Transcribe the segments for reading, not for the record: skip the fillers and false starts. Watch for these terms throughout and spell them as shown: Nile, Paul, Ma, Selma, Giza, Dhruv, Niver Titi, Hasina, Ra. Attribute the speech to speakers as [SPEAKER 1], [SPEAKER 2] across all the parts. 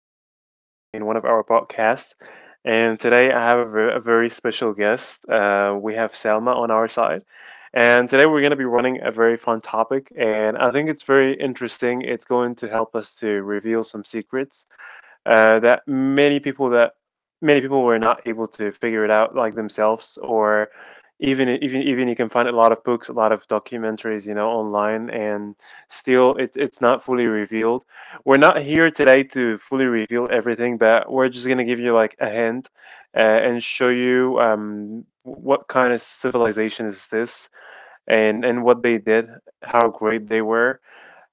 [SPEAKER 1] Paul again in one of our podcasts. And today I have a very special guest. We have Selma on our side. And today we're going to be running a very fun topic. And I think it's very interesting. It's going to help us to reveal some secrets that many people were not able to figure it out like themselves, or even you can find a lot of books, a lot of documentaries, you know, online. And still it's not fully revealed. We're not here today to fully reveal everything, but we're just going to give you like a hint and show you what kind of civilization is this, and what they did, how great they were.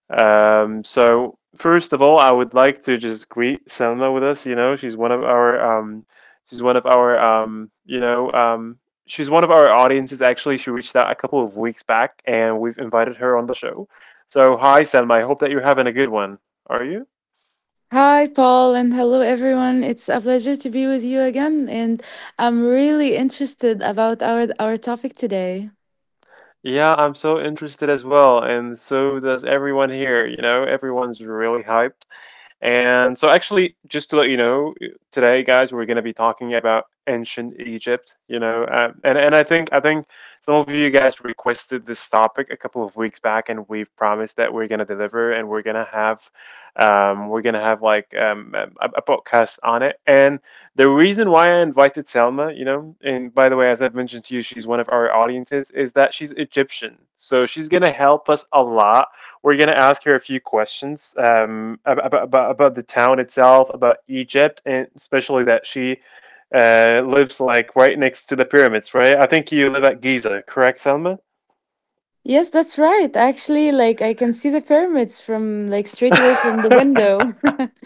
[SPEAKER 1] So first of all, I would like to just greet Selma with us. You know, she's one of our she's one of our you know she's one of our audiences. Actually, she reached out a couple of weeks back, and we've invited her on the show. So hi, Selma. I hope that you're having a good one. Are you?
[SPEAKER 2] Hi, Paul, and hello, everyone. It's a pleasure to be with you again, and I'm really interested about our topic today.
[SPEAKER 1] Yeah, I'm so interested as well, and so does everyone here. You know, everyone's really hyped. And so, actually, just to let you know, today, guys, we're going to be talking about ancient Egypt. You know, and I think some of you guys requested this topic a couple of weeks back, and we've promised that we're going to deliver, and we're going to have we're going to have like a podcast on it. And the reason why I invited Selma, you know, and by the way, as I've mentioned to you, she's one of our audiences, is that she's Egyptian, so she's going to help us a lot. We're going to ask her a few questions about the town itself, about Egypt, and especially that she lives like right next to the pyramids, right? I think you live at Giza, correct, Selma?
[SPEAKER 2] Yes, that's right. Actually, like I can see the pyramids from like straight away from the window.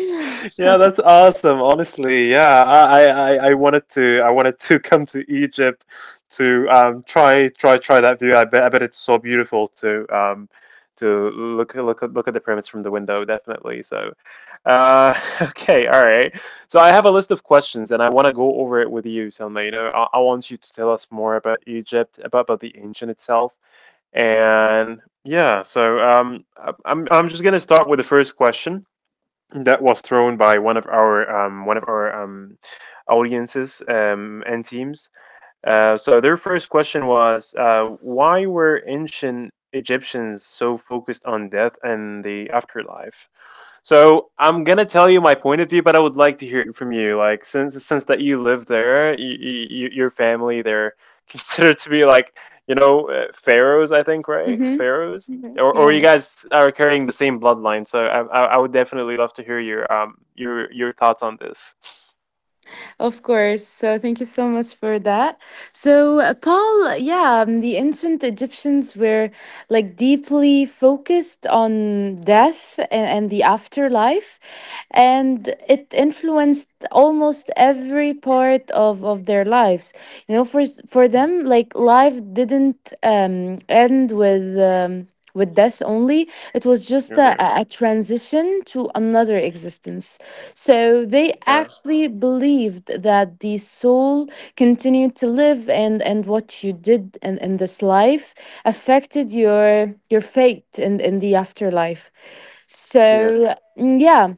[SPEAKER 1] Yeah, that's awesome. Honestly, yeah, I wanted to, I wanted to come to Egypt to try that view. I bet it's so beautiful to look at the pyramids from the window. Definitely. So, okay, all right. So I have a list of questions, and I want to go over it with you, Selma. You know, I want you to tell us more about Egypt, about the ancient itself, and yeah. So I'm just gonna start with the first question that was thrown by one of our audiences and teams. So their first question was, why were ancient Egyptians so focused on death and the afterlife? So I'm gonna tell you my point of view, but I would like to hear it from you. Like since that you live there, your family they're considered to be like, you know, pharaohs, I think, right? Pharaohs,
[SPEAKER 2] Mm-hmm.
[SPEAKER 1] or
[SPEAKER 2] Yeah.
[SPEAKER 1] you guys are carrying the same bloodline. So I would definitely love to hear your thoughts on this.
[SPEAKER 2] Of course. So thank you so much for that. So, Paul, yeah, the ancient Egyptians were like deeply focused on death and the afterlife, and it influenced almost every part of their lives. You know, for them, like life didn't end with. With death only. It was just
[SPEAKER 1] Okay.
[SPEAKER 2] a transition to another existence. So they
[SPEAKER 1] Yeah.
[SPEAKER 2] actually believed that the soul continued to live and what you did in this life affected your fate in the afterlife.
[SPEAKER 1] Yeah.
[SPEAKER 2] So yeah,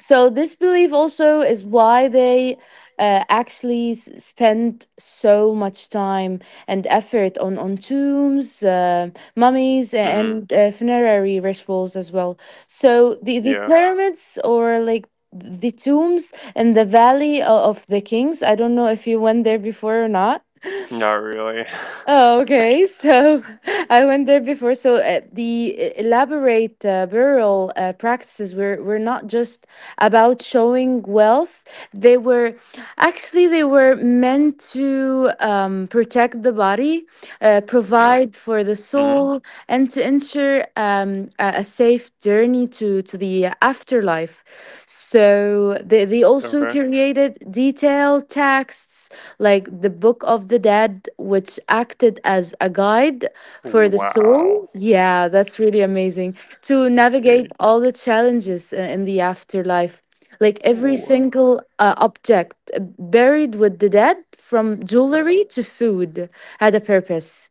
[SPEAKER 2] so this belief also is why they actually spend so much time and effort on tombs, mummies,
[SPEAKER 1] Hmm.
[SPEAKER 2] and funerary rituals as well. So the
[SPEAKER 1] Yeah.
[SPEAKER 2] pyramids or like the tombs in the Valley of the Kings. I don't know if you went there before or not.
[SPEAKER 1] Not really.
[SPEAKER 2] Oh, okay. So I went there before. So the elaborate burial practices were not just about showing wealth. They were actually they were meant to protect the body,
[SPEAKER 1] Yeah.
[SPEAKER 2] provide for the
[SPEAKER 1] Mm-hmm.
[SPEAKER 2] soul, and to ensure a safe journey to the afterlife. So they
[SPEAKER 1] Okay.
[SPEAKER 2] also created detailed texts like the Book of the Dead, which acted as a guide for the
[SPEAKER 1] Wow.
[SPEAKER 2] soul. Yeah, that's really amazing to
[SPEAKER 1] Okay.
[SPEAKER 2] navigate all the challenges in the afterlife. Like every
[SPEAKER 1] Wow.
[SPEAKER 2] single object buried with the dead, from jewelry to food, had a purpose.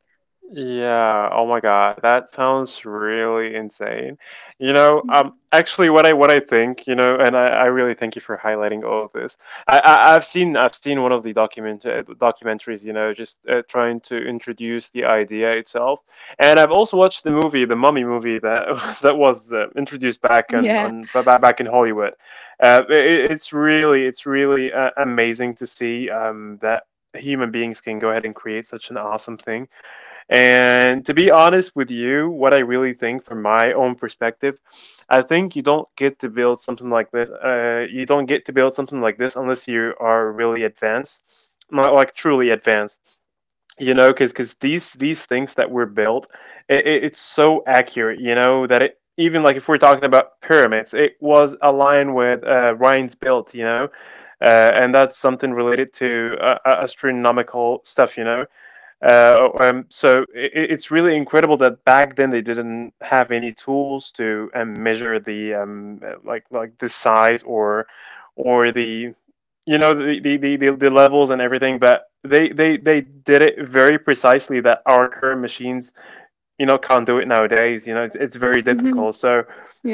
[SPEAKER 1] Yeah, oh my God, that sounds really insane. You know, actually, what I think, you know, and I really thank you for highlighting all of this. I've seen one of the documentaries, you know, just trying to introduce the idea itself, and I've also watched the movie, the Mummy movie that that was introduced back on back in Hollywood. It's really amazing to see that human beings can go ahead and create such an awesome thing. And to be honest with you, what I really think from my own perspective, I think you don't get to build something like this. You don't get to build something like this unless you are really advanced, not like truly advanced. You know, because these things that were built, it's so accurate. You know that it, even like if we're talking about pyramids, it was aligned with Ryan's built. You know, and that's something related to astronomical stuff. You know, so it's really incredible that back then they didn't have any tools to measure the like the size, or the, you know, the levels and everything. But they did it very precisely that our current machines, you know, can't do it nowadays. You know, it's very
[SPEAKER 2] Mhm.
[SPEAKER 1] difficult. So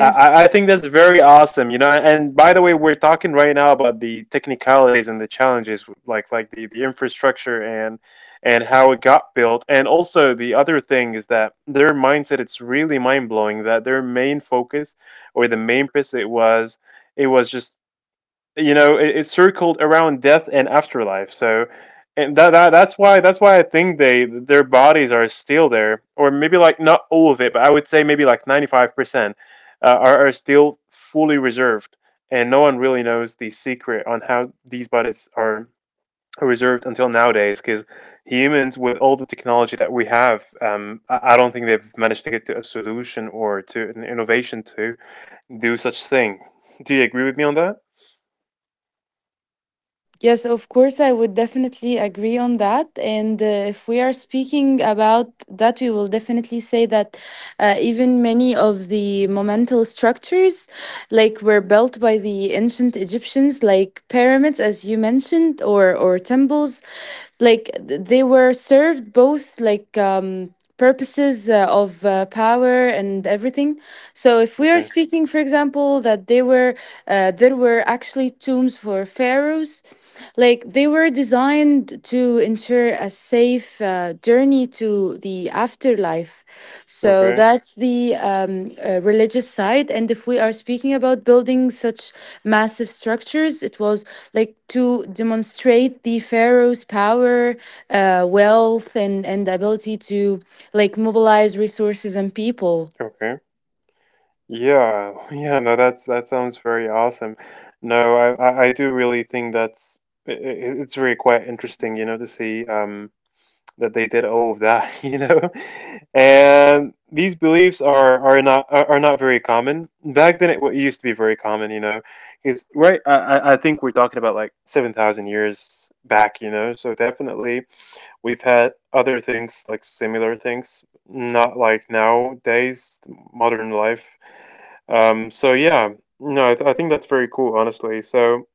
[SPEAKER 1] I think that's very awesome, you know. And by the way, we're talking right now about the technicalities and the challenges, like the infrastructure and how it got built. And also the other thing is that their mindset, it's really mind-blowing that their main focus or the main purpose, it was, it was just, you know, it circled around death and afterlife. So and that's why, I think they, their bodies are still there. Or maybe like not all of it, but I would say maybe like 95% are still fully reserved. And no one really knows the secret on how these bodies are reserved until nowadays, because humans, with all the technology that we have, um, I don't think they've managed to get to a solution or to an innovation to do such thing. Do you agree with me on that?
[SPEAKER 2] Yes, of course, I would definitely agree on that. And if we are speaking about that, we will definitely say that even many of the monumental structures, like were built by the ancient Egyptians, like pyramids, as you mentioned, or temples, like they were served both like purposes of power and everything. So if we are
[SPEAKER 1] Okay.
[SPEAKER 2] speaking, for example, that they were there were actually tombs for pharaohs like they were designed to ensure a safe journey to the afterlife. So
[SPEAKER 1] Okay.
[SPEAKER 2] that's the religious side. And if we are speaking about building such massive structures, it was like to demonstrate the pharaoh's power, wealth, and ability to like mobilize resources and people.
[SPEAKER 1] Okay. Yeah. Yeah. No, that's that sounds very awesome. No, I do really think that's, I it's really quite interesting, you know, to see that they did all of that, you know. And these beliefs are not, are not very common. Back then, it used to be very common, you know. Is right. I think we're talking about like 7,000 years back, you know. So definitely, we've had other things, like similar things, not like nowadays modern life. So yeah. No, I think that's very cool, honestly. So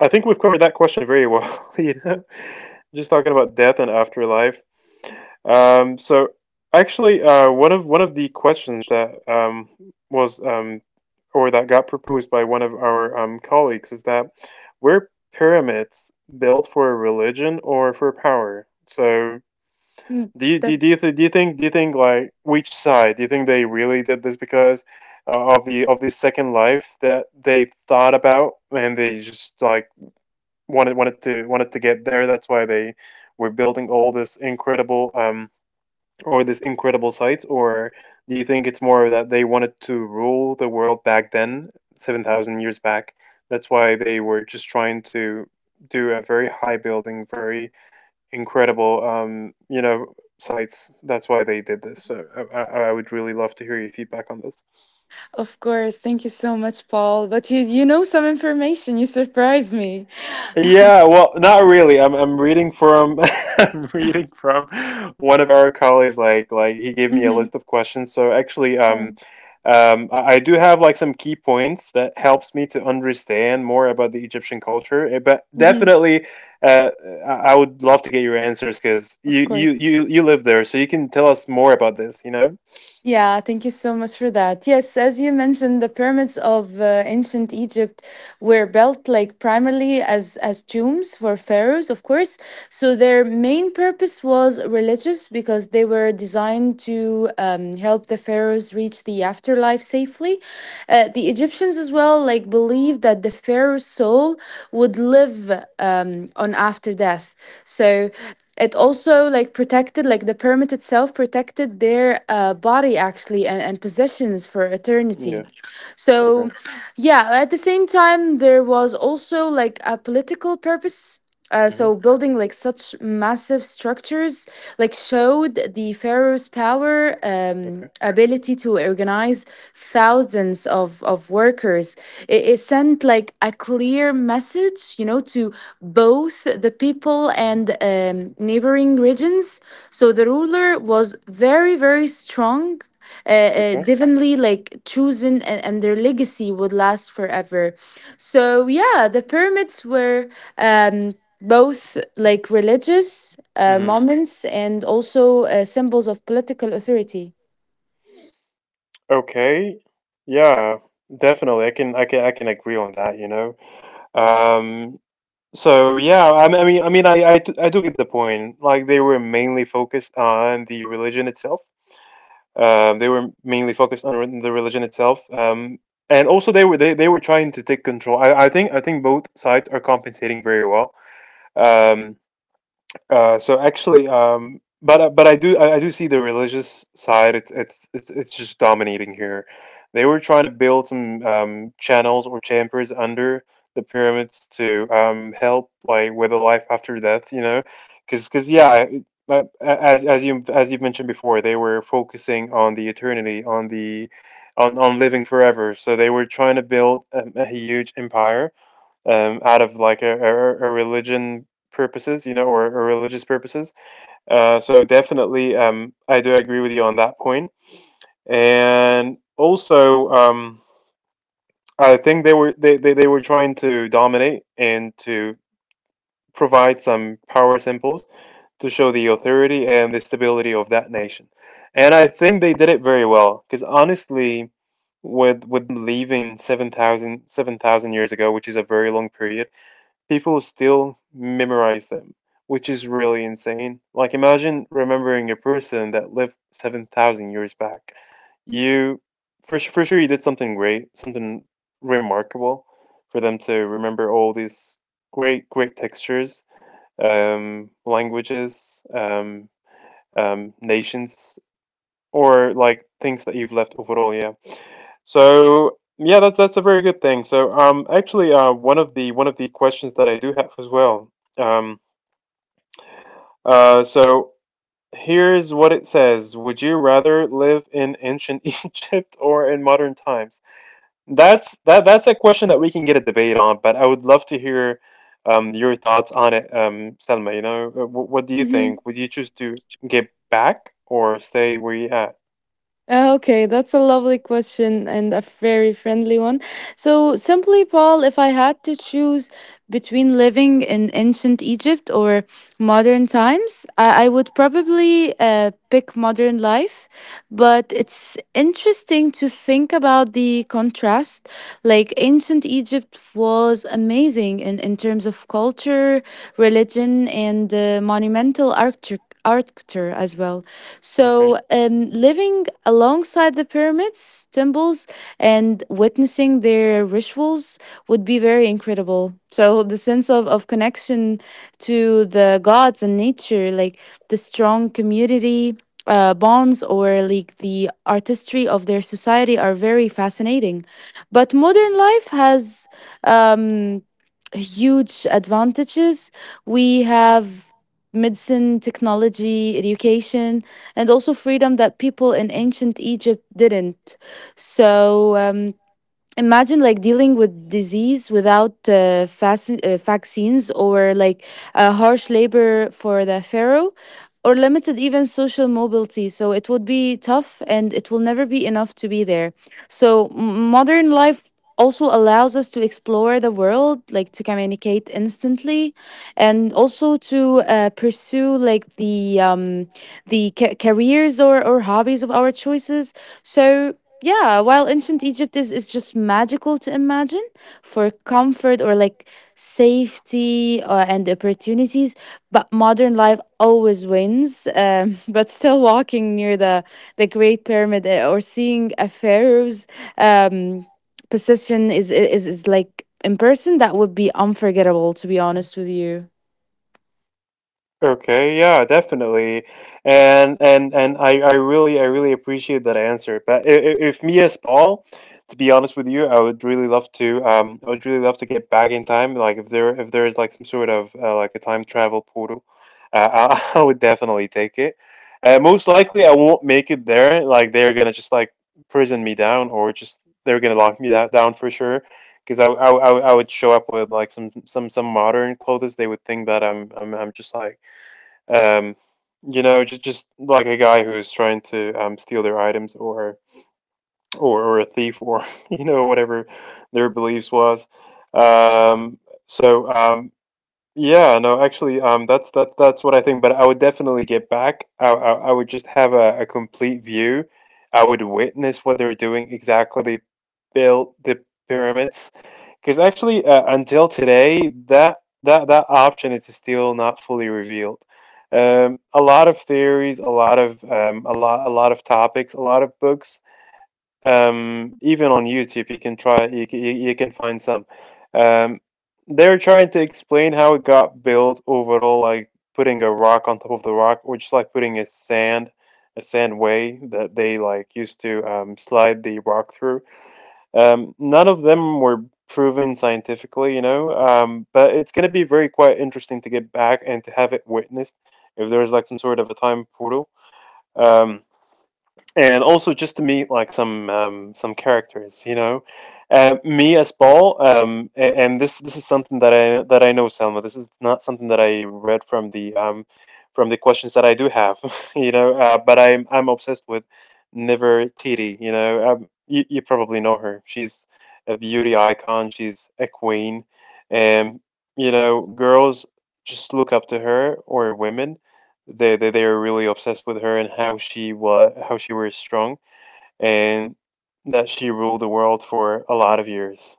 [SPEAKER 1] I think we've covered that question very well. You know, just talking about death and afterlife. So actually, one of the questions that was or that got proposed by one of our colleagues is that, were pyramids built for religion or for power? So
[SPEAKER 2] Mm, that-
[SPEAKER 1] do you think, like which side do you think they really did this, because of the second life that they thought about, and they just like wanted to get there. That's why they were building all this incredible or this incredible sites. Or do you think it's more that they wanted to rule the world back then, 7,000 years back? That's why they were just trying to do a very high building, very incredible, you know, sites. That's why they did this. So I, I I would really love to hear your feedback on this.
[SPEAKER 2] Of course, thank you so much, Paul. But you know some information. You surprised me.
[SPEAKER 1] Yeah, well, not really. I'm reading from I'm reading from one of our colleagues. Like he gave me a
[SPEAKER 2] Mhm.
[SPEAKER 1] list of questions. So actually,
[SPEAKER 2] Oh,
[SPEAKER 1] I do have like some key points that helps me to understand more about the Egyptian culture. Eh, but
[SPEAKER 2] mhm,
[SPEAKER 1] definitely, uh, I would love to get your answers, because
[SPEAKER 2] of course.
[SPEAKER 1] you live there, so you can tell us more about this. You know?
[SPEAKER 2] Yeah, thank you so much for that. Yes, as you mentioned, the pyramids of ancient Egypt were built like primarily as tombs for pharaohs, of course. So their main purpose was religious because they were designed to help the pharaohs reach the afterlife safely. The Egyptians as well like believed that the pharaoh's soul would live on after death. So it also like protected like the permit itself protected their body actually and possessions for
[SPEAKER 1] Yeah.
[SPEAKER 2] eternity
[SPEAKER 1] Okay.
[SPEAKER 2] so, yeah, at the same time, there was also like a political purpose.
[SPEAKER 1] Mm-hmm.
[SPEAKER 2] So building like such massive structures like showed the pharaoh's power,
[SPEAKER 1] Okay.
[SPEAKER 2] ability to organize thousands of workers. It it sent like a clear message, you know, to both the people
[SPEAKER 1] Mm-hmm.
[SPEAKER 2] and neighboring regions, so the ruler was very strong,
[SPEAKER 1] Okay.
[SPEAKER 2] definitely like chosen, and their legacy would last forever. So yeah, the pyramids were um, both like religious
[SPEAKER 1] Mm-hmm.
[SPEAKER 2] moments and also symbols of political authority.
[SPEAKER 1] Okay. Yeah, definitely. I can agree on that, you know. Um so yeah, I, mean- I mean I mean I do get the point. Like they were mainly focused on the religion itself. Um, they were mainly focused on the religion itself. And also they were, they were trying to take control. I think both sides are compensating very well. Um so actually, but I do, I do see the religious side. It's, it's just dominating here. They were trying to build some channels or chambers under the pyramids to help like with the life after death. You know, because yeah, as you as you've mentioned before, they were focusing on the eternity, on the, on living forever. So they were trying to build a huge empire out of like a religion purposes, you know, or religious purposes. So definitely, I do agree with you on that point. And also, I think they were trying to dominate and to provide some power symbols to show the authority and the stability of that nation. And I think they did it very well because, honestly, with leaving seven thousand years ago, which is a very long period. People still memorize them, which is really insane. Like, imagine remembering a person that lived 7,000 years back. You, for sure, you did something great, something remarkable for them to remember all these great, great textures, languages, nations, or like things that you've left overall. Yeah. So yeah, that's a very good thing. So actually, one of the questions that I do have as well. Um uh so here's what it says: would you rather live in ancient Egypt or in modern times? That's a question that we can get a debate on, but I would love to hear your thoughts on it, Selma. You know, what do you think? Would you choose to get back or stay where you at?
[SPEAKER 2] Okay, that's a lovely question and a very friendly one. So, simply, Paul, if I had to choose between living in ancient Egypt or modern times, I would probably pick modern life. But it's interesting to think about the contrast. Like, ancient Egypt was amazing in terms of culture, religion, and monumental architecture. Architecture as well.
[SPEAKER 1] Okay.
[SPEAKER 2] So, living alongside the pyramids, temples, and witnessing their rituals would be very incredible. So, the sense of connection to the gods and nature, like the strong community bonds or like the artistry of their society, are very fascinating. But modern life has um, huge advantages. We have medicine, technology, education, and also freedom that people in ancient Egypt didn't. So imagine like dealing with disease without vaccines or like harsh labor for the pharaoh or limited even social mobility, so it would be tough and it will never be enough to be there. So modern life also allows us to explore the world, like to communicate instantly and also to pursue like the the careers or hobbies of our choices. So yeah, while ancient Egypt is just magical to imagine for comfort or like safety and opportunities, but modern life always wins. But still, walking near the Great Pyramid or seeing a pharaoh's um, position is like in person, that would be unforgettable. To be honest with you,
[SPEAKER 1] Okay, yeah, definitely. And I really appreciate that answer. But, if me as Paul, to be honest with you, I would really love to get back in time. Like if there is like some sort of like a time travel portal, I, I would definitely take it. Most likely I won't make it there. Like they're gonna just like prison me down, or just they're gonna lock me that down for sure. Because I would show up with like some modern clothes. They would think that I'm just like um, you know, just like a guy who is trying to steal their items, or a thief, or whatever their beliefs was. Um, so um, yeah, no, actually, that's what I think. But I would definitely get back. I would just have a complete view. I would witness what they were doing exactly, how they built the pyramids. Because actually, until today, that option is still not fully revealed. A lot of theories, a lot of a lot of topics, a lot of books. Even on YouTube, you can try, you can find some. Um, they're trying to explain how it got built overall, like putting a rock on top of the rock, or just like putting a sand, way that they like used to slide the rock through. None of them were proven scientifically, you know, but it's going to be very quite interesting to get back and to have it witnessed if there's like some sort of a time portal. Um, and also just to meet like some, some characters, you know. Me as Paul, and this is something that I know, Selma. This is not something that I read from the questions that I do have, you know. But I'm obsessed with Niver Titi, you know. You, you probably know her. She's a beauty icon. She's a queen, and you know, girls just look up to her, or women, they were really obsessed with her and how she was, strong, and that she ruled the world for a lot of years.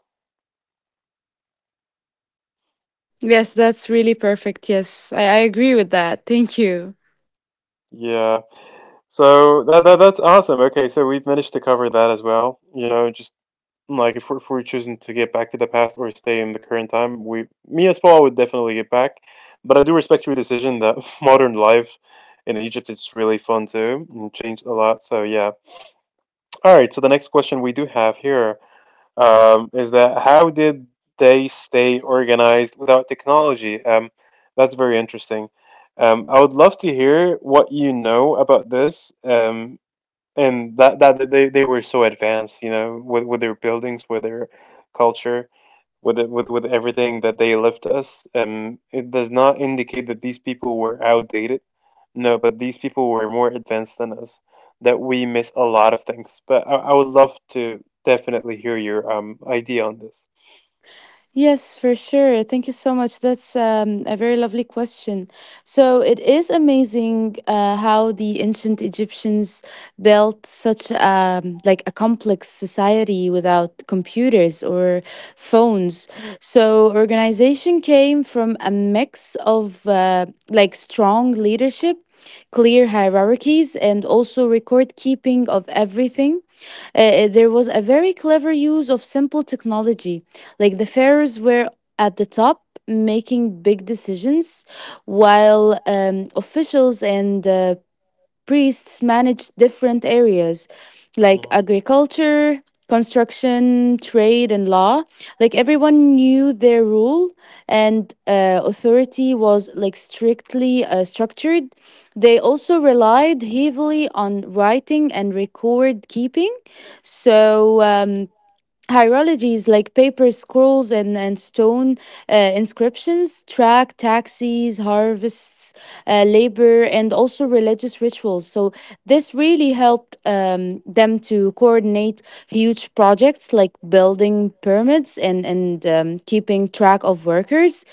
[SPEAKER 2] yes, that's really perfect. Yes, I agree with that. Thank you.
[SPEAKER 1] Yeah. So that's awesome. Okay, so we've managed to cover that as well. You know, just like if we're choosing to get back to the past or stay in the current time, we, me as Paul, would definitely get back. But I do respect your decision that modern life in Egypt is really fun too and changed a lot. So yeah. All right. So the next question we do have here, is that, how did they stay organized without technology? That's very interesting. I would love to hear what you know about this, and that, that that they were so advanced, you know, with their buildings, with their culture, with it- with everything that they left us. It does not indicate that these people were outdated. No, but these people were more advanced than us, that we miss a lot of things. But I would love to definitely hear your idea on this.
[SPEAKER 2] Yes, for sure. Thank you so much. That's a very lovely question. So it is amazing how the ancient Egyptians built such like a complex society without computers or phones. So organization came from a mix of like strong leadership, clear hierarchies, and also record keeping of everything. There was a very clever use of simple technology, like the pharaohs were at the top making big decisions, while officials and priests managed different areas like
[SPEAKER 1] Mhm.
[SPEAKER 2] agriculture, construction, trade, and law. Like everyone knew their rule, and authority was like strictly structured. They also relied heavily on writing and record keeping. So, Hierologies like paper scrolls and stone inscriptions track taxes, harvests, labor, and also religious rituals. So, this really helped them to coordinate huge projects like building pyramids and keeping track of workers,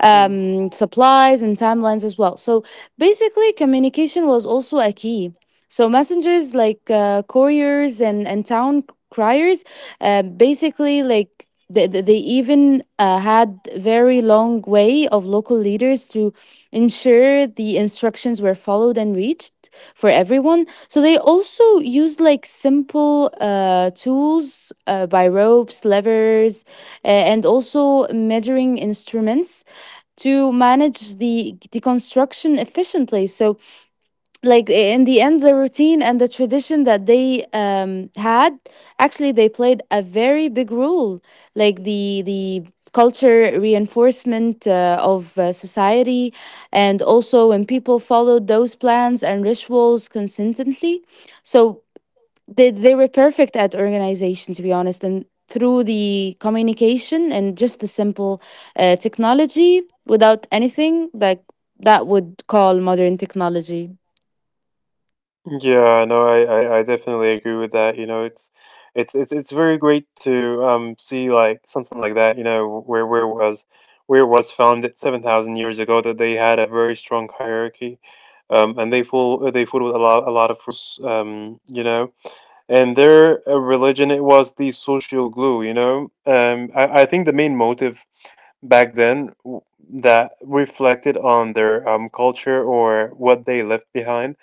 [SPEAKER 2] supplies, and timelines as well. So, basically, communication was also a key. So, messengers like couriers and town criers basically, like they even had very long way of local leaders to ensure the instructions were followed and reached for everyone. So they also used like simple tools by ropes, levers, and also measuring instruments to manage the deconstruction efficiently. So like in the end the routine and the tradition that they had actually they played a very big role like the culture reinforcement of society and also when people followed those plans and rituals consistently, so they were perfect at organization, to be honest, and through the communication and just the simple technology without anything like that would call modern technology.
[SPEAKER 1] Yeah, no, I definitely agree with that. You know, it's very great to see like something like that, you know, where where it was founded 7,000 years ago, that they had a very strong hierarchy. And they fooled with a lot of rules, you know, and their religion, it was the social glue, you know. I think the main motive back then, that reflected on their culture or what they left behind,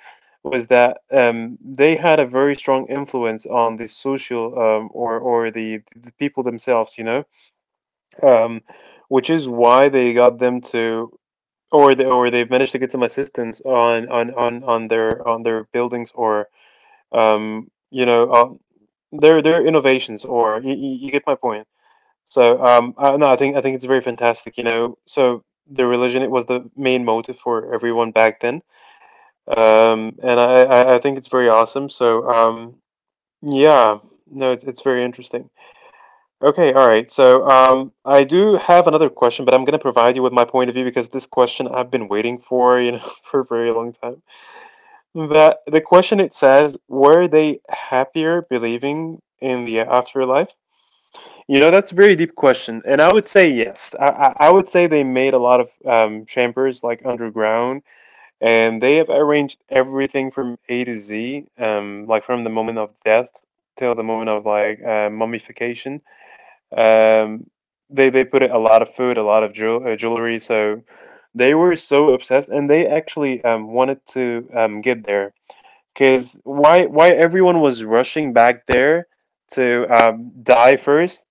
[SPEAKER 1] was that, they had a very strong influence on the social, or the people themselves, you know, um, which is why they got them to, or they've managed to get some assistance on their buildings, or you know, on their innovations, or you get my point. So, no, I think it's very fantastic. You know, so the religion, it was the main motive for everyone back then, and I think it's very awesome. Yeah, no, it's very interesting. Okay, all right. So I do have another question, but I'm gonna provide you with my point of view because this question I've been waiting for, you know, for a very long time. But the question, it says, were they happier believing in the afterlife? You know, that's a very deep question, and I would say yes. I would say they made a lot of chambers like underground, and they have arranged everything from A to Z, like from the moment of death till the moment of like mummification. Um, they put a lot of food, a lot of jewelry, so they were so obsessed, and they actually wanted to get there. Because why everyone was rushing back there to die first,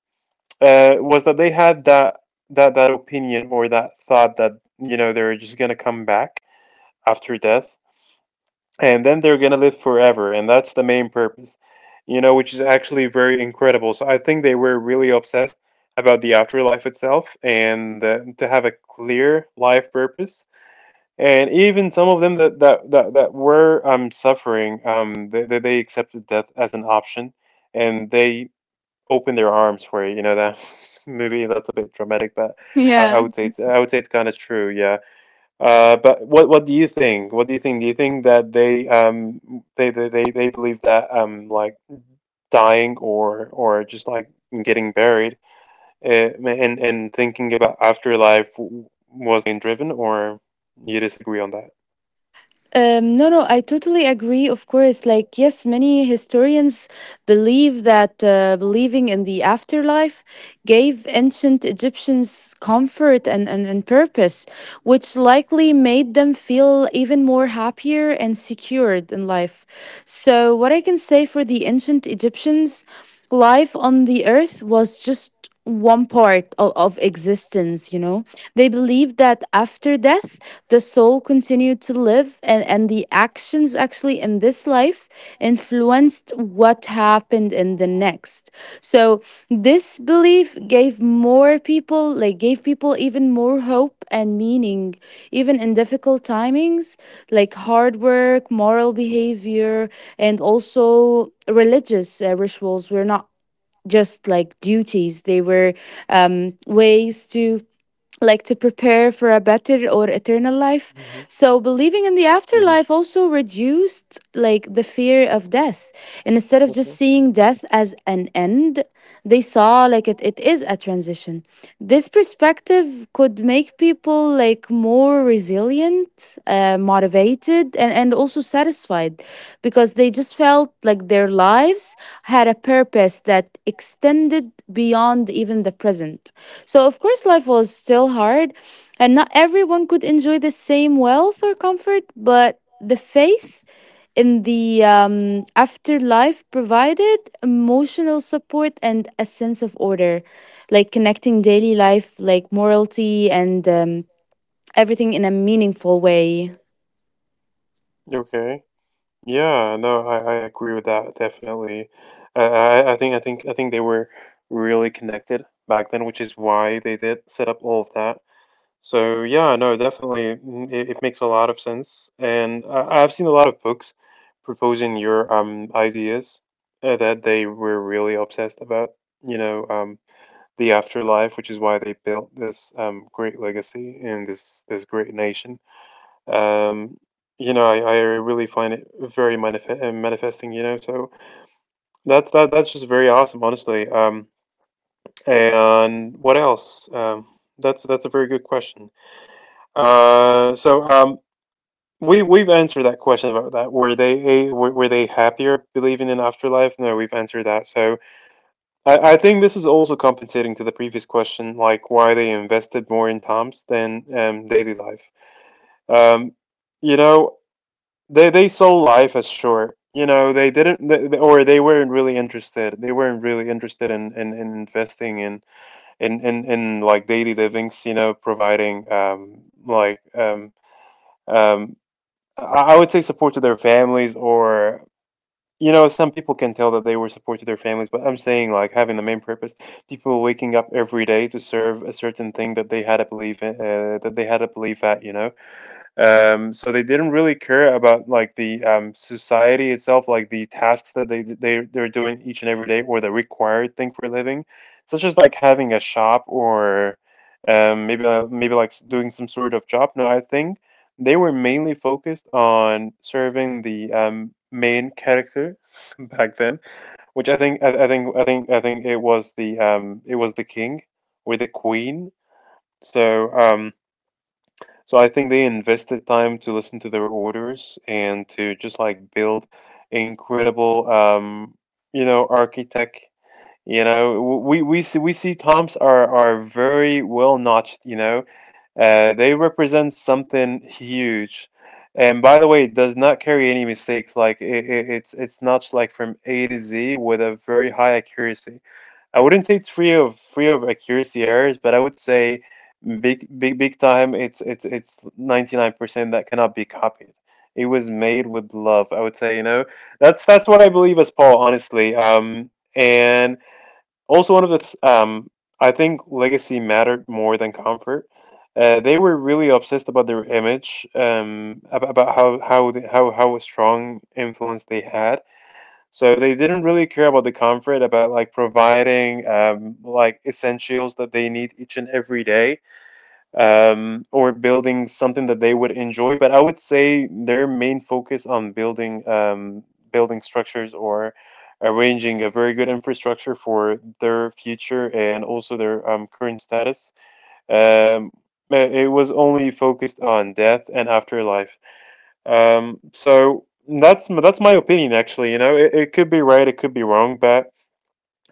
[SPEAKER 1] was that they had that, that that opinion, or that thought, that, you know, they're just gonna come back after death, and then they're gonna live forever, and that's the main purpose, you know, which is actually very incredible. So I think they were really obsessed about the afterlife itself, and to have a clear life purpose. And even some of them that were suffering, they accepted death as an option, and they open their arms for you. You know, that maybe that's a bit dramatic, but I would say it's kind of true. Yeah. But what do you think? What do you think? Do you think that they believe that, like, dying, or just like getting buried, uh, and thinking about afterlife, was being driven? Or you disagree on that?
[SPEAKER 2] No, no, I totally agree. Of course, like yes, many historians believe that believing in the afterlife gave ancient Egyptians comfort and purpose, which likely made them feel even more happier and secured in life. So, what I can say for the ancient Egyptians, life on the earth was just one part of existence, you know. They believed that after death, the soul continued to live, and the actions actually in this life influenced what happened in the next. So this belief gave more people, like, gave people even more hope and meaning, even in difficult timings. Like hard work, moral behavior, and also religious rituals were not just like duties, they were ways to like to prepare for a better or eternal life.
[SPEAKER 1] Hmm.
[SPEAKER 2] So believing in the
[SPEAKER 1] Hmm.
[SPEAKER 2] afterlife also reduced like the fear of death. And instead of just
[SPEAKER 1] Okay.
[SPEAKER 2] seeing death as an end, they saw like it is a transition. This perspective could make people like more resilient, motivated, and also satisfied because they just felt like their lives had a purpose that extended beyond even the present. So, of course, life was still hard, and not everyone could enjoy the same wealth or comfort, but the faith in the afterlife provided emotional support and a sense of order, like connecting daily life, like morality, and everything in a meaningful way.
[SPEAKER 1] Okay. Yeah, no, I agree with that definitely. I think they were really connected back then, which is why they did set up all of that. So yeah, no, definitely. It makes a lot of sense. And I've seen a lot of books proposing your ideas, that they were really obsessed about, you know, the afterlife, which is why they built this great legacy and this great nation. um you know, I really find it very manifesting, you know. So that's just very awesome, honestly. And what else? That's a very good question. uh so um we've answered that question about that, were they happier believing in afterlife? No, we've answered that. So, I think this is also compensating to the previous question, like why they invested more in toms than daily life. um you know, they saw life as short. You know, they didn't, th- th- or they weren't really interested. They weren't really interested in in investing in, in like daily livings. Providing like um I would say support to their families or some people can tell that they were support to their families, but I'm saying like having the main purpose, people waking up every day to serve a certain thing that they had a belief in, that they had a belief at. So they didn't really care about like the society itself, like the tasks that they're doing each and every day, or the required thing for a living, such as like having a shop or maybe maybe like doing some sort of job. No, I think. They were mainly focused on serving the main character back then, which I think I think I think it was the king or the queen. So um, so I think they invested time to listen to their orders and to just like build incredible architect. you know, we see Toms are very well notched. They represent something huge. And by the way, it does not carry any mistakes. Like it's notched like from A to Z with a very high accuracy. I wouldn't say it's free of accuracy errors, but I would say big big big time. It's 99% that cannot be copied. It was made with love. I would say that's what I believe as Paul. Honestly. And also, one of its, I think legacy mattered more than comfort. They were really obsessed about their image, about how they, how strong influence they had. So they didn't really care about the comfort, about like providing like essentials that they need each and every day, or building something that they would enjoy. But I would say their main focus on building structures or arranging a very good infrastructure for their future and also their current status. Um, it was only focused on death and afterlife. So that's my opinion actually. You know, it could be right, it could be wrong, but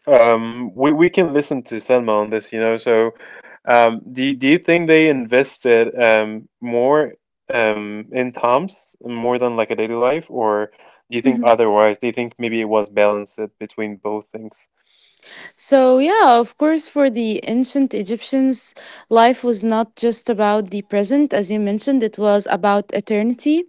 [SPEAKER 1] we can listen to Selma on this. So, do you think they invested more in Tom's more than like a daily life, or do you think
[SPEAKER 2] Hmm.
[SPEAKER 1] otherwise? Do you think maybe it was balanced between both things?
[SPEAKER 2] So, yeah, of course, for the ancient Egyptians, life was not just about the present, as you mentioned, it was about eternity.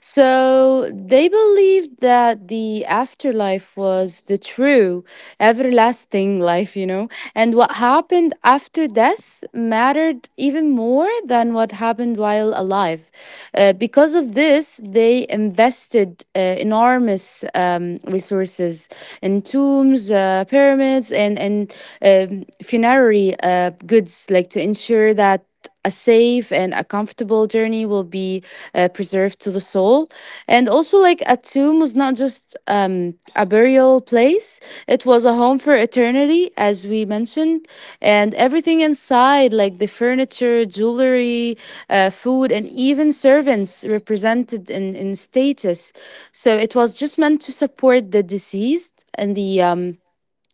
[SPEAKER 2] So they believed that the afterlife was the true, everlasting life, you know, and what happened after death mattered even more than what happened while alive. Because of this, they invested enormous resources in tombs, pyramids, and funerary goods, like to ensure that a safe and a comfortable journey will be preserved to the soul. And also, like a tomb was not just a burial place, it was a home for eternity, as we mentioned. And everything inside, like the furniture, jewelry, food, and even servants represented in status. So it was just meant to support the deceased and the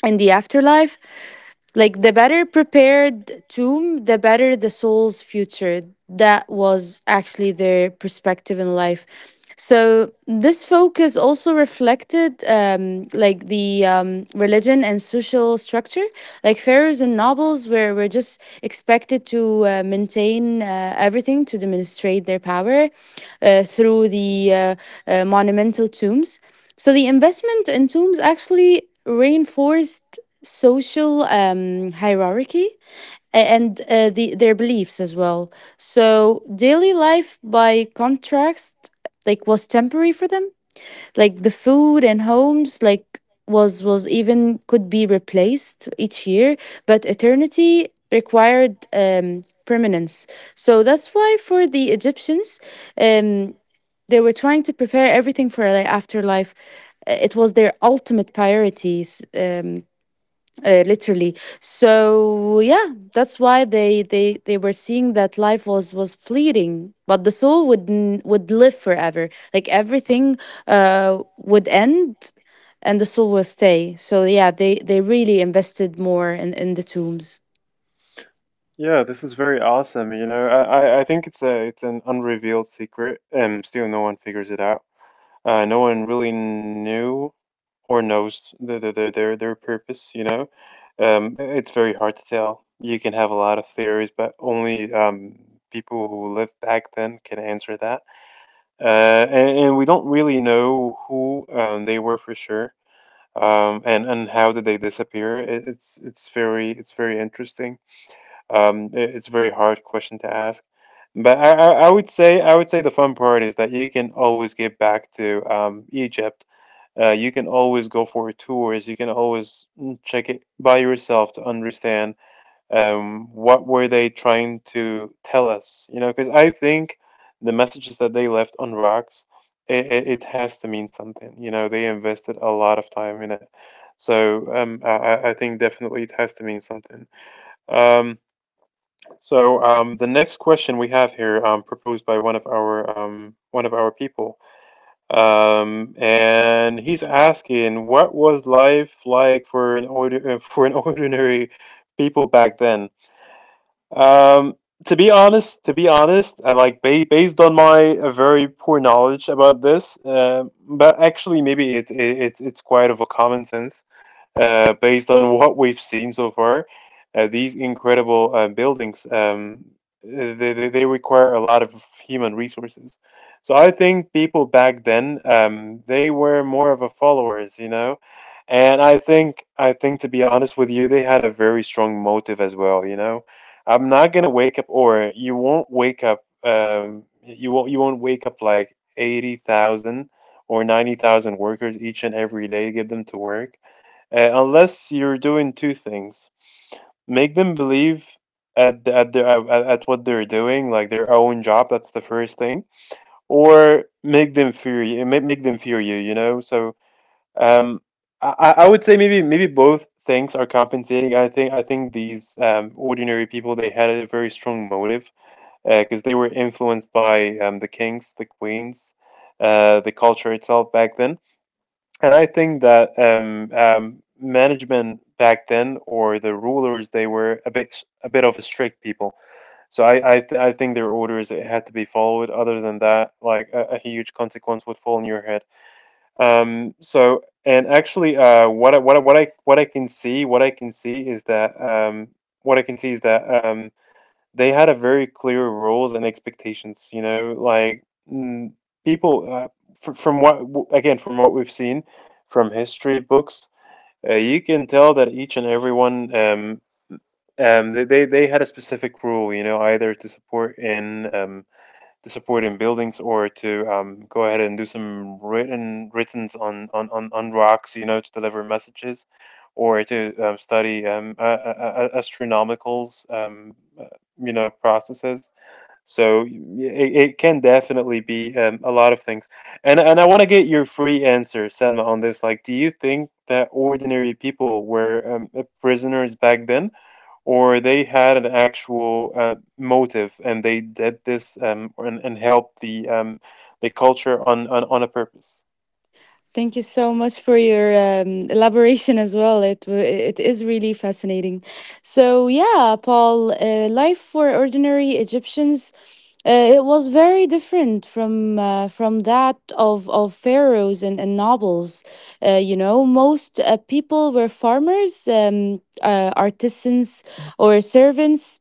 [SPEAKER 2] in the afterlife. Like the better prepared tomb, the better the soul's future. That was actually their perspective in life. So this focus also reflected, like the religion and social structure. Like pharaohs and nobles were just expected to maintain everything to demonstrate their power, through the monumental tombs. So the investment in tombs actually reinforced social hierarchy and their beliefs as well. So daily life, by contrast, like was temporary for them, like the food and homes, like was even could be replaced each year, but eternity required permanence. So that's why for the Egyptians, um they were trying to prepare everything for their afterlife. It was their ultimate priorities, um literally. So yeah, that's why they were seeing that life was fleeting, but the soul would live forever, like everything would end, and the soul will stay. So yeah, they really invested more in the tombs.
[SPEAKER 1] Yeah, this is very awesome. You know, I think it's an unrevealed secret, and still no one figures it out. No one really knew or knows their purpose. It's very hard to tell. You can have a lot of theories, but only people who lived back then can answer that. And We don't really know who they were for sure, and how did they disappear. It's very interesting. It's a very hard question to ask, but I would say the fun part is that you can always get back to Egypt. You can always go for tours. You can always check it by yourself to understand what were they trying to tell us. You know, because I think the messages that they left on rocks, it has to mean something. You know, they invested a lot of time in it, so I think definitely it has to mean something. Um, so, the next question we have here, proposed by one of our people, and he's asking, what was life like for an for an ordinary people back then? Um, to be honest, I like based on my very poor knowledge about this, but actually maybe it's quite of a common sense. Based on what we've seen so far, these incredible buildings, they require a lot of human resources. So I think people back then, they were more of a followers, you know, and I think to be honest with you, they had a very strong motive as well, you know. I'm not gonna wake up, or you won't wake up. You won't wake up like 80,000 or 90,000 workers each and every day. Get them to work, unless you're doing two things: make them believe at what they're doing, like their own job. That's the first thing, or make them fear you. Make them fear you. You know, so um, I would say maybe both things are compensating. I think these ordinary people they had a very strong motive because they were influenced by the kings, the queens, the culture itself back then. And I think that management back then or the rulers they were a bit of a strict people. So I think their orders it had to be followed. Other than that, like a huge consequence would fall on your head. What I can see, what I can see is that what I can see is that they had a very clear rules and expectations. You know, like people from what we've seen from history books. You can tell that each and everyone, they had a specific rule. You know, either to support in buildings or to go ahead and do some writtens on rocks, you know, to deliver messages or to study astronomicals, uh, processes. So it can definitely be a lot of things. And I want to get your free answer, Selma, on this. Like, do you think that ordinary people were prisoners back then, or they had an actual motive and they did this, and helped the culture on a purpose?
[SPEAKER 2] Thank you so much for your elaboration as well. It is really fascinating. So yeah, Paul, life for ordinary Egyptians, it was very different from from that of pharaohs and nobles. You know, most people were farmers, artisans, or servants.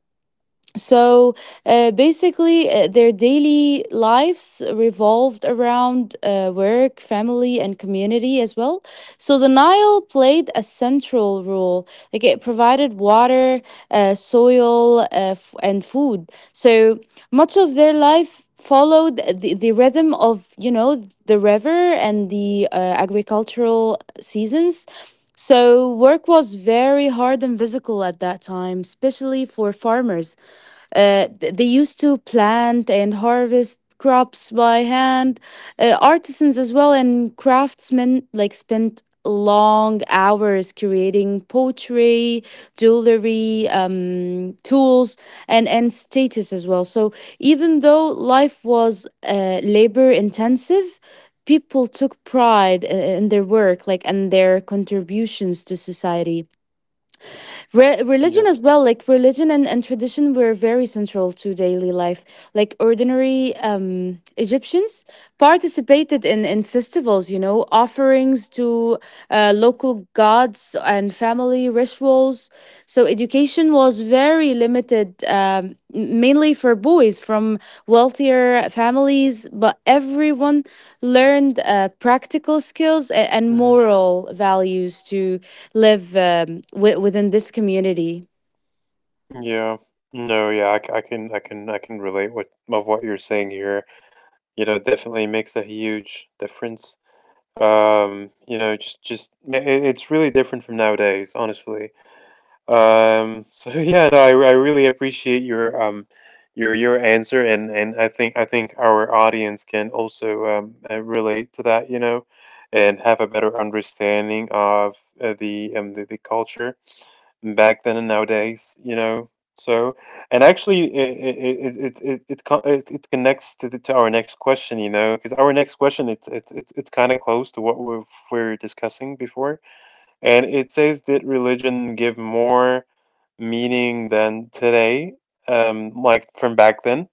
[SPEAKER 2] So basically, their daily lives revolved around work, family, and community as well. So the Nile played a central role, like it provided water, soil, and food. So much of their life followed the rhythm of, you know, the river and the agricultural seasons. So work was very hard and physical at that time, especially for farmers. They used to plant and harvest crops by hand. Artisans as well and craftsmen like spent long hours creating pottery, jewelry, tools, and status as well. So even though life was labor intensive, people took pride in their work, like, and their contributions to society. Religion
[SPEAKER 1] Yeah.
[SPEAKER 2] as well, like religion and tradition were very central to daily life. Like ordinary Egyptians participated in festivals, you know, offerings to local gods and family rituals. So education was very limited, mainly for boys from wealthier families, but everyone learned practical skills and
[SPEAKER 1] Hmm.
[SPEAKER 2] moral values to live, within this community.
[SPEAKER 1] Yeah. No, yeah, I, c- I can I can I can relate what you're saying here. You know, it definitely makes a huge difference. It's really different from nowadays, honestly. So, yeah, no, I really appreciate your your answer and I think our audience can also relate to that, you know, and have a better understanding of the culture back then and nowadays, you know. So, and actually, it connects to to our next question, you know, because our next question it's kind of close to we're discussing before, and it says, did religion give more meaning than today, like from back then?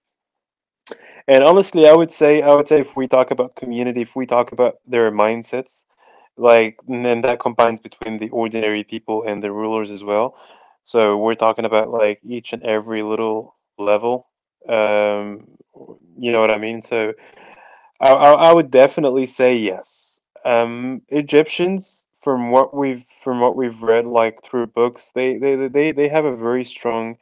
[SPEAKER 1] And honestly, I would say, if we talk about community, if we talk about their mindsets, like and then that combines between the ordinary people and the rulers as well, so we're talking about like each and every little level, um you know what I mean, so I would definitely say yes. Egyptians, from what we've read, like through books, they have a very strong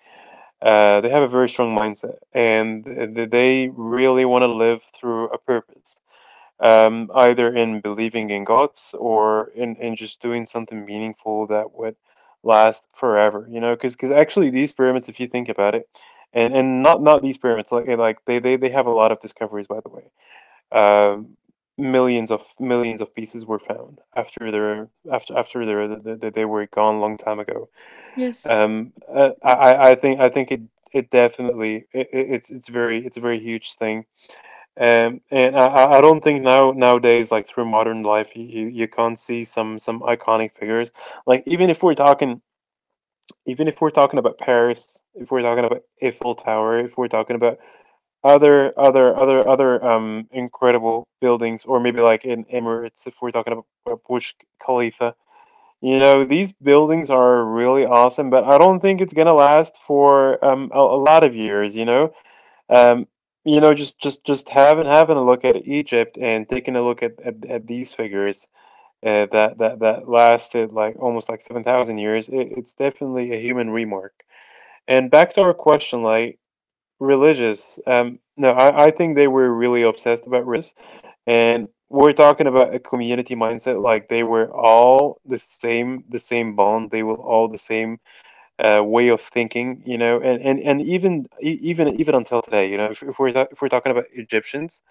[SPEAKER 1] mindset, and they really want to live through a purpose, either in believing in gods or in just doing something meaningful that would last forever, you know, because actually these pyramids, if you think about it, and not these pyramids, like they have a lot of discoveries, by the way. Um, Millions of millions of pieces were found after their after after their, they were gone long time ago.
[SPEAKER 2] Yes,
[SPEAKER 1] I think it. It definitely it, it- it's very It's a very huge thing, and I don't think now nowadays, like through modern life, you can't see some iconic figures. Like even if we're talking about Paris, if we're talking about Eiffel Tower, if we're talking about other incredible buildings, or maybe like in Emirates, if we're talking about Burj Khalifa, you know, these buildings are really awesome, but I don't think it's gonna last for a lot of years, um, you know, just having a look at Egypt and taking a look at at these figures that lasted like almost like 7,000 years. It's definitely a human remark. And back to our question, like religious. No, I think they were really obsessed about religious, and we're talking about a community mindset. Like they were all the same bond. They were all the same way of thinking, you know, and even even until today, you know, if we're talking about Egyptians,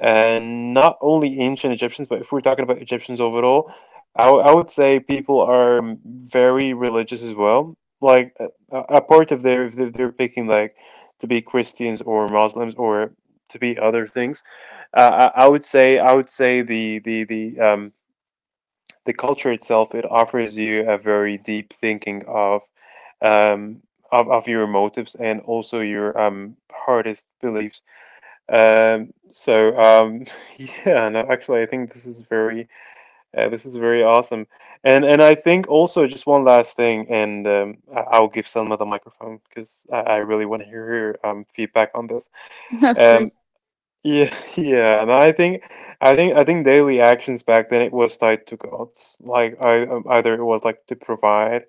[SPEAKER 1] and not only ancient Egyptians, but if we're talking about Egyptians overall, I would say people are very religious as well. Like a part of their if they're picking like to be Christians or Muslims or to be other things, I would say the the culture itself it offers you a very deep thinking of um, of your motives and also your hardest beliefs. Um, so um, yeah, no, actually, I think this is very awesome. And I think also just one last thing, and I'll give Selma the microphone because I really want to hear her feedback on this.
[SPEAKER 2] of
[SPEAKER 1] Um,
[SPEAKER 2] course.
[SPEAKER 1] yeah, yeah, and I think, I think, I think daily actions back then it was tied to gods. Like either it was like to provide,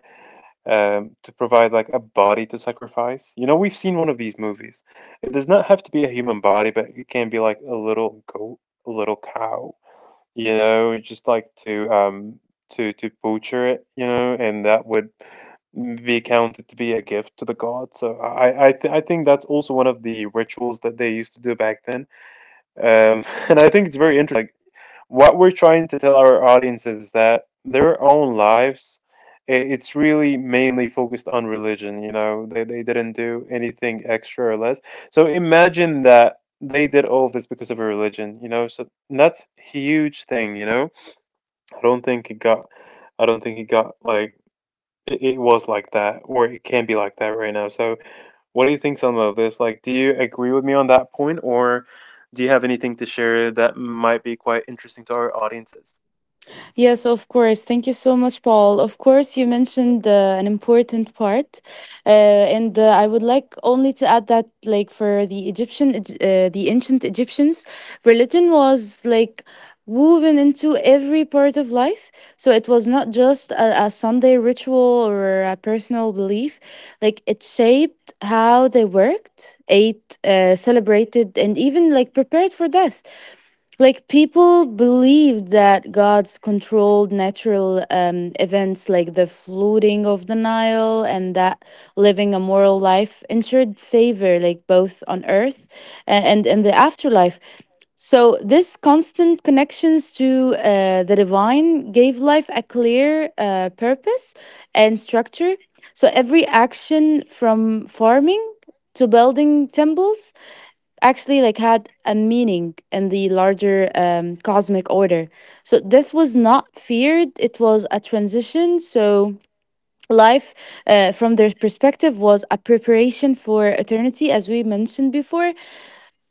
[SPEAKER 1] um, to provide like a body to sacrifice. You know, we've seen one of these movies. It does not have to be a human body, but it can be like a little goat, a little cow. You know, just like to to butcher it. You know, and that would be counted to be a gift to the god. So I think that's also one of the rituals that they used to do back then. And I think it's very interesting. Like, what we're trying to tell our audiences is that their own lives, it's really mainly focused on religion. You know, they didn't do anything extra or less. So imagine that they did all of this because of a religion. You know, so and that's huge thing. You know, I don't think it got, I don't think it got like it was like that or it can be like that right now. So what do you think, Selma, of this? Like, do you agree with me on that point, or do you have anything to share that might be quite interesting to our audiences?
[SPEAKER 2] Yes, of course. Thank you so much, Paul. Of course, you mentioned an important part, and I would like only to add that, like for the ancient Egyptians, religion was like woven into every part of life. So it was not just a Sunday ritual or a personal belief. Like it shaped how they worked, ate, celebrated, and even like prepared for death, like people believed that gods controlled natural events, like the flooding of the Nile, and that living a moral life ensured favor, like both on earth and in the afterlife. So this constant connections to the divine gave life a clear purpose and structure. So every action, from farming to building temples, actually like had a meaning in the larger cosmic order. So death was not feared, it was a transition. So life, from their perspective, was a preparation for eternity, as we mentioned before.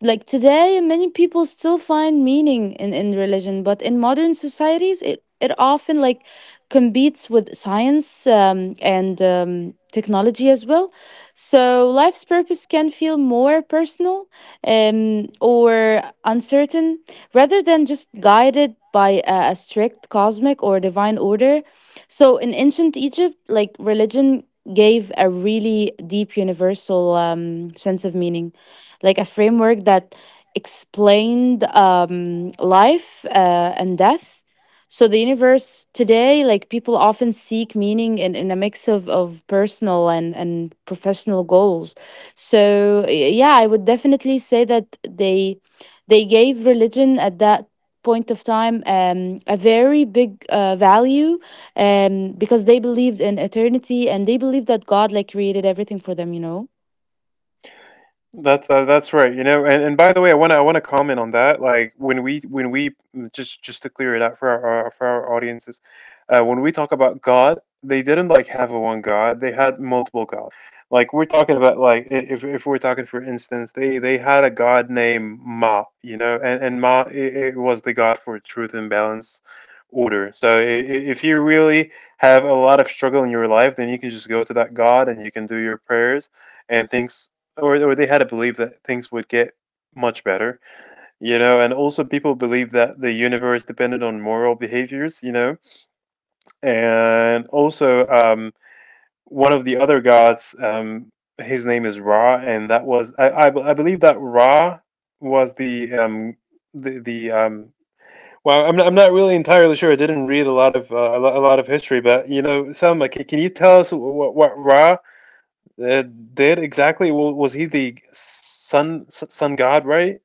[SPEAKER 2] Like today, many people still find meaning in religion, but in modern societies, it often like competes with science, and technology as well. So life's purpose can feel more personal, or uncertain, rather than just guided by a strict cosmic or divine order. So in ancient Egypt, like religion gave a really deep universal sense of meaning, like a framework that explained, life and death. So the universe today, like people often seek meaning in a mix of personal and professional goals. So yeah, I would definitely say that they gave religion at that point of time, a very big value, because they believed in eternity, and they believed that God like created everything for them, you know.
[SPEAKER 1] That's right. You know, and by the way, I want to comment on that. Like when we just to clear it out for our for our audiences, when we talk about God, they didn't like have a one God. They had multiple gods. Like we're talking about if we're talking for instance, they had a God named Ma. You know, and Ma it was the God for truth and balance, order. If you really have a lot of struggle in your life, then you can just go to that God and you can do your prayers and things or they had a belief that things would get much better, you know, and also people believe that the universe depended on moral behaviors, you know, and also one of the other his name is Ra, and that was I believe that Ra was the the the um. Well, I'm not really entirely sure. I didn't read a lot of a lot of history, but you know, Selma, can you tell us what Ra uh, did exactly. Well, was he the sun god, right?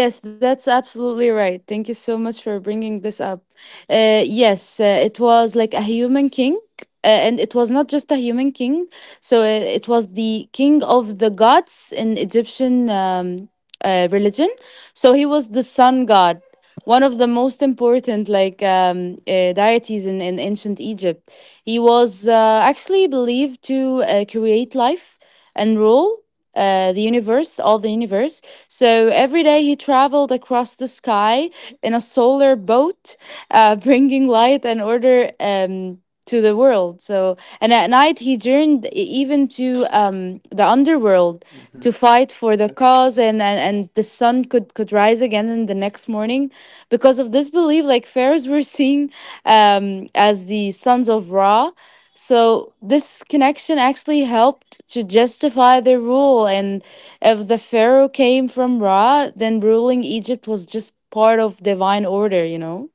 [SPEAKER 2] Yes, that's absolutely right. Thank you so much for bringing this up. Yes, it was like a human king, and it was not just a human king. So it was the king of the gods in Egyptian religion. So he was the sun god, one of the most important, like deities in ancient Egypt. He was actually believed to create life and rule the universe, all the universe. So every day, he traveled across the sky in a solar boat, bringing light and order, to the world. So, and at night he journeyed even to, the underworld,
[SPEAKER 1] Hmm.
[SPEAKER 2] to fight for the
[SPEAKER 1] Okay.
[SPEAKER 2] cause, and the sun could rise again in the next morning. Because of this belief, like pharaohs were seen, as the sons of Ra. So this connection actually helped to justify their rule, and if the pharaoh came from Ra, then ruling Egypt was just part of divine order, you know?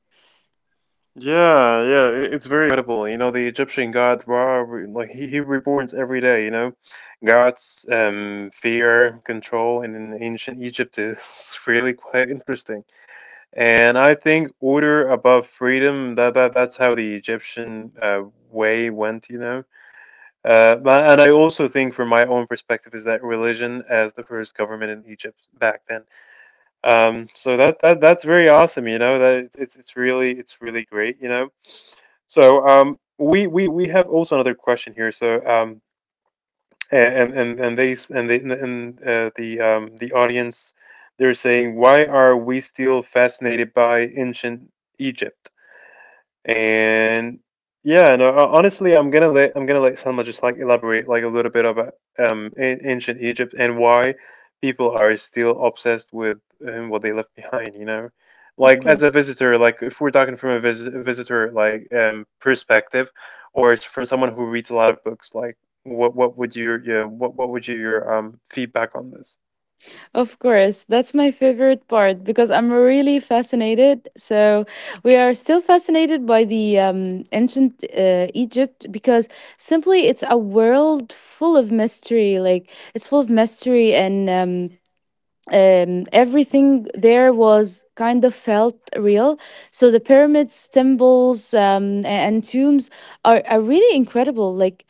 [SPEAKER 1] Yeah, yeah. It's very incredible. You know, the Egyptian god Ra, like he reborns every day. You know, fear, control, and in ancient Egypt is really quite interesting. And I think order above freedom. That's how the Egyptian way went. You know. And I also think, from my own perspective, is that religion as the first government in Egypt back then so that's very awesome, you know, that it's really great, you know. So we have also another question here, so a- and they s- and they and the audience, they're saying, why are we still fascinated by ancient Egypt? And yeah, no, honestly, I'm gonna let Selma just like elaborate like a little bit about ancient Egypt and why people are still obsessed with what they left behind, you know?
[SPEAKER 2] Of
[SPEAKER 1] Like as a
[SPEAKER 2] course.
[SPEAKER 1] visitor, like if we're talking from a visitor like perspective or from someone who reads a lot of books, like what would your yeah, what would you your feedback on this?
[SPEAKER 2] Of course. That's my favorite part because I'm really fascinated. So we are still fascinated by the ancient Egypt, because simply, it's a world full of mystery. Like, it's full of mystery and, everything there was kind of felt real. So the pyramids, temples, and tombs are really incredible. Like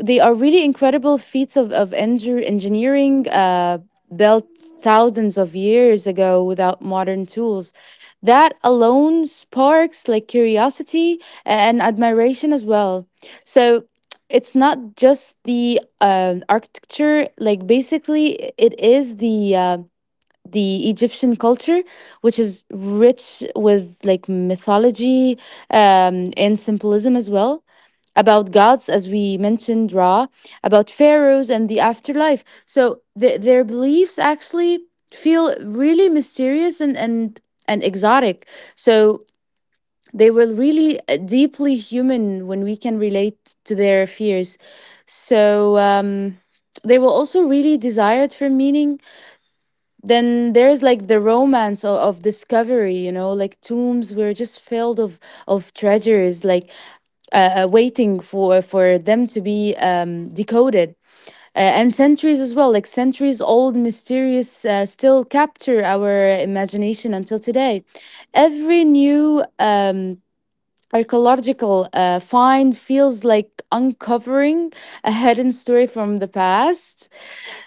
[SPEAKER 2] they are really incredible feats of engineering, built thousands of years ago without modern tools. That alone sparks like curiosity and admiration as well. So it's not just the architecture, like basically it is the Egyptian culture, which is rich with, like, mythology, and symbolism as well, about gods, as we mentioned, Ra, about pharaohs and the afterlife. So their beliefs actually feel really mysterious, and exotic. So they were really, deeply human when we can relate to their fears. So, they were also really desired for meaning. Then there's like the romance of discovery, you know, like tombs were just filled of treasures, like waiting for them to be, decoded, and centuries as well, like centuries old mysterious still capture our imagination until today. Every new, archaeological find feels like uncovering a hidden story from the past.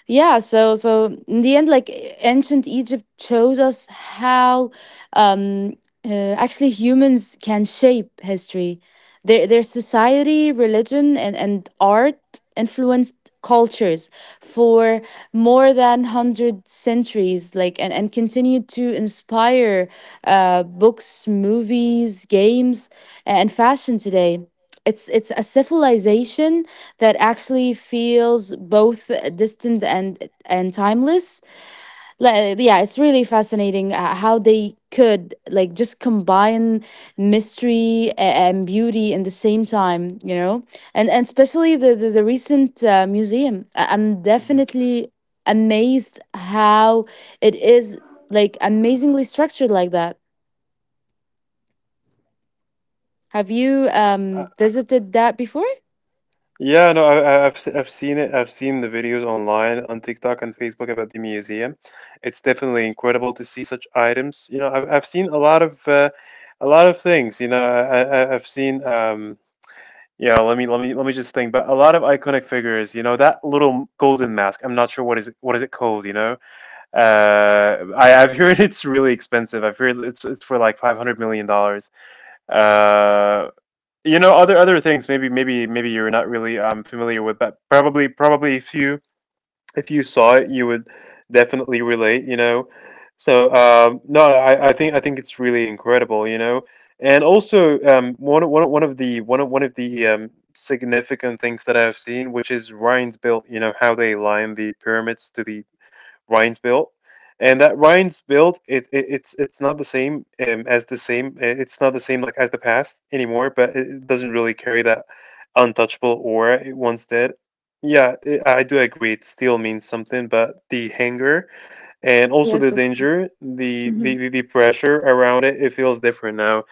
[SPEAKER 2] Yeah, so in the end, like ancient Egypt shows us how, um actually, humans can shape history. Their society, religion, and art influenced cultures for more than 100 centuries, like, and continued to inspire books, movies, games, and fashion today. It's a civilization that actually feels both distant and timeless. Like, yeah, it's really fascinating, how they could like just combine mystery and beauty in the same time, you know, and especially the recent museum. I'm
[SPEAKER 1] Mhm.
[SPEAKER 2] definitely amazed how it is like amazingly structured like that. Have you visited that before?
[SPEAKER 1] Yeah, no, I've seen it. I've seen the videos online on TikTok and Facebook about the museum. It's definitely incredible to see such items. You know, I've seen a lot of things. You know, I've seen yeah. Let me just think. But a lot of iconic figures. You know, that little golden mask. I'm not sure what is it called. You know, I I've heard it's really expensive. I've heard it's for like $500 million. Uh you know, other things, maybe you're not really familiar with, but probably if you saw it you would definitely relate, you know. So no I think I think it's really incredible, you know. And also one of- one of- one of the significant things that I've seen, which is Ryan's built, you know, how they line the pyramids to the Rhine's build, and that Rhine's build, it's not the same It's not the same like as the past anymore, but it doesn't really carry that untouchable aura it once did. Yeah, I do agree. It still means something, but the hanger and also the danger, the pressure around it feels different now.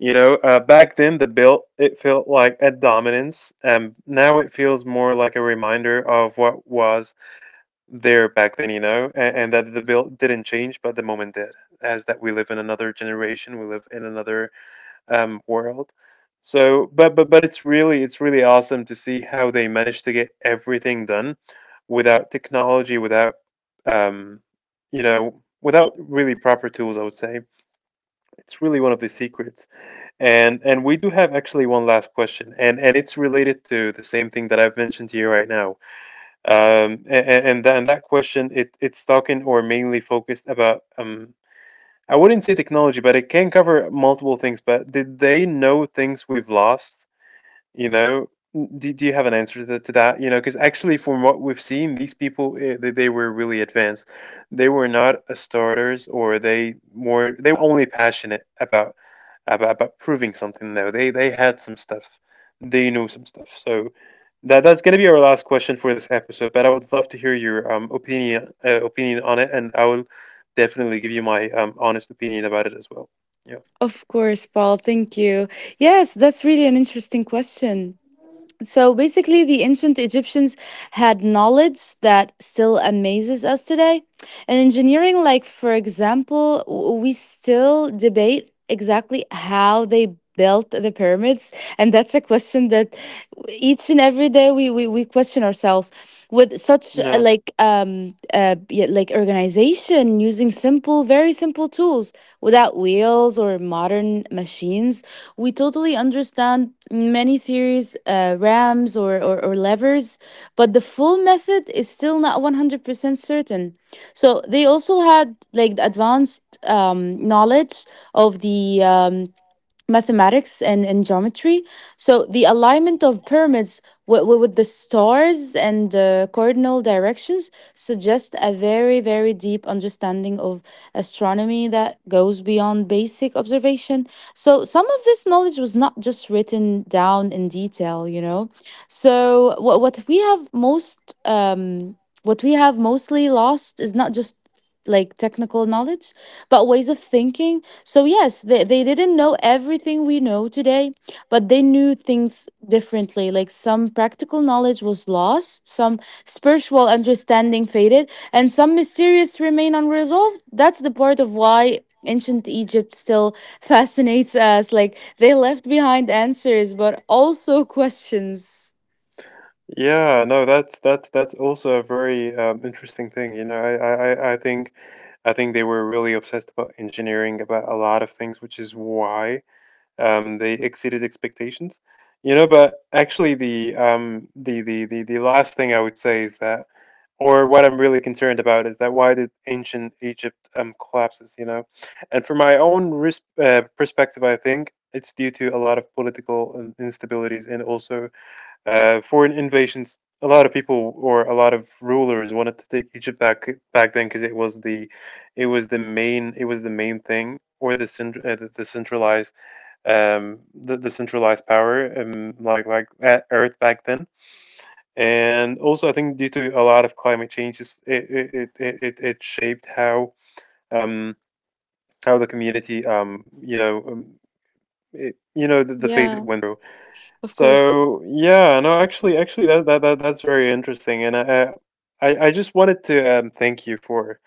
[SPEAKER 1] You know, back then the build it felt like a dominance, and now it feels more like a reminder of what was there back then, you know, and that the bill didn't change, but the moment did, as that we live in another generation, we live in another world. So, but it's really awesome to see how they managed to get everything done without technology, without um, you know, without really proper tools. I would say it's really one of the secrets. And we do have actually one last question, and it's related to the same thing that I've mentioned to you right now, and that question, it's talking or mainly focused about I wouldn't say technology, but it can cover multiple things. But did they know things we've lost? You know, do you have an answer to that? You know, because actually, from what we've seen, these people eh, they were really advanced. They were not a starters, or they more they were only passionate about about proving something. Though they had some stuff, they knew some stuff. So that's gonna be our last question for this episode. But I would love to hear your opinion on it, and I will definitely give you my honest opinion about it as well. Yeah.
[SPEAKER 2] Of course, Paul. Thank you. Yes, that's really an interesting question. So basically, the ancient Egyptians had knowledge that still amazes us today. And engineering, like for example, we still debate exactly how they built the pyramids. And that's a question that each and every day we question ourselves with such,
[SPEAKER 1] No.
[SPEAKER 2] like yeah, like organization using simple, very simple tools without wheels or modern machines. We totally understand many theories, rams or levers, but the full method is still not 100% certain. So they also had like the advanced, knowledge of the, mathematics and geometry. So the alignment of pyramids with the stars and, cardinal directions, suggest a very, very deep understanding of astronomy that goes beyond basic observation. So some of this knowledge was not just written down in detail, you know. So what we have mostly lost is not just like technical knowledge, but ways of thinking. So, yes, they didn't know everything we know today, but they knew things differently. Like some practical knowledge was lost, some spiritual understanding faded, and some mysterious remain unresolved. That's the part of why ancient Egypt still fascinates us. Like they left behind answers, but also questions.
[SPEAKER 1] Yeah, no, that's that's also a very interesting thing. You know, I think they were really obsessed about engineering, about a lot of things, which is why they exceeded expectations. You know, but actually the the last thing I would say is that, or what I'm really concerned about is that why did ancient Egypt collapses, you know? And from my own risk perspective, I think it's due to a lot of political instabilities and also foreign invasions. A lot of people or a lot of rulers wanted to take Egypt back back then because it was the it was the main thing or the centralized the centralized power like at Earth back then. And also, I think due to a lot of climate changes, it shaped um, how the community you know the phase it went through. So yeah, no, actually, that's very interesting, and I just wanted to thank you for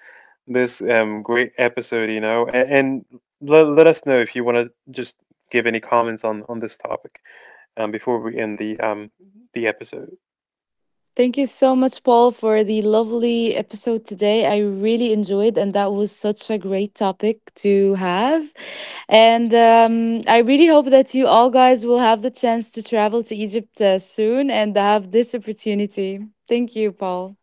[SPEAKER 1] this great episode, you know, and let let us know if you want to just give any comments on this topic before we end the episode.
[SPEAKER 2] Thank you so much, Paul, for the lovely episode today. I really enjoyed, and that was such a great topic to have. And I really hope that you all guys will have the chance to travel to Egypt soon and have this opportunity. Thank you, Paul.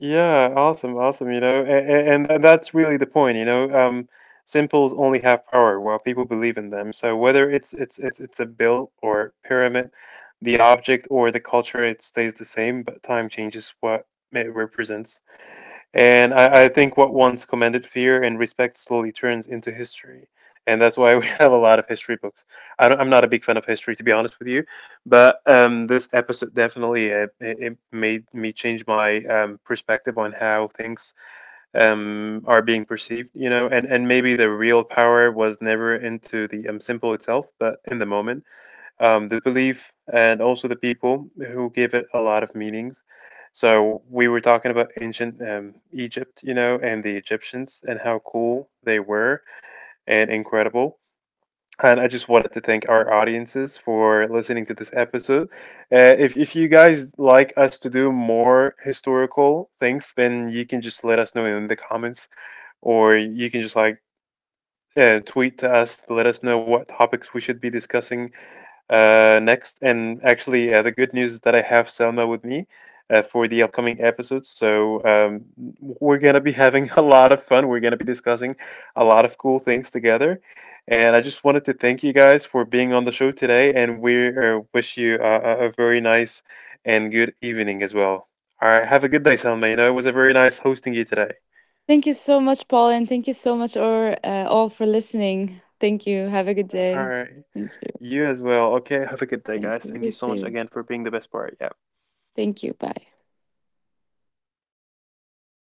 [SPEAKER 1] Yeah, awesome, awesome. You know, and that's really the point. You know, symbols only have power while people believe in them. So whether it's it's a built or pyramid, the object or the culture, it stays the same, but time changes what it represents. And I think what once commended fear and respect slowly turns into history. And that's why we have a lot of history books. I'm not a big fan of history, to be honest with you, but this episode definitely it made me change my perspective on how things are being perceived. You know, and maybe the real power was never into the symbol itself, but in the moment the belief and also the people who give it a lot of meanings. So we were talking about ancient Egypt, you know, and the Egyptians and how cool they were and incredible. And I just wanted to thank our audiences for listening to this episode. If you guys like us to do more historical things, then you can just let us know in the comments, or you can just like tweet to us to let us know what topics we should be discussing next, and actually, the good news is that I have Selma with me for the upcoming episodes. So we're gonna be having a lot of fun. We're gonna be discussing a lot of cool things together. And I just wanted to thank you guys for being on the show today, and we wish you a very nice and good evening as well. All right, have a good day, Selma. You know, it was a very nice hosting you today.
[SPEAKER 2] Thank you so much, Paul, and thank you so much, or all, for listening. Thank you. Have a good
[SPEAKER 1] All
[SPEAKER 2] day.
[SPEAKER 1] right,
[SPEAKER 2] Thank you.
[SPEAKER 1] you as well. Okay, have a good day,
[SPEAKER 2] Thank
[SPEAKER 1] guys.
[SPEAKER 2] you.
[SPEAKER 1] Thank
[SPEAKER 2] You
[SPEAKER 1] you so much
[SPEAKER 2] too.
[SPEAKER 1] again for being the best part. Yeah.
[SPEAKER 2] Thank you. Bye.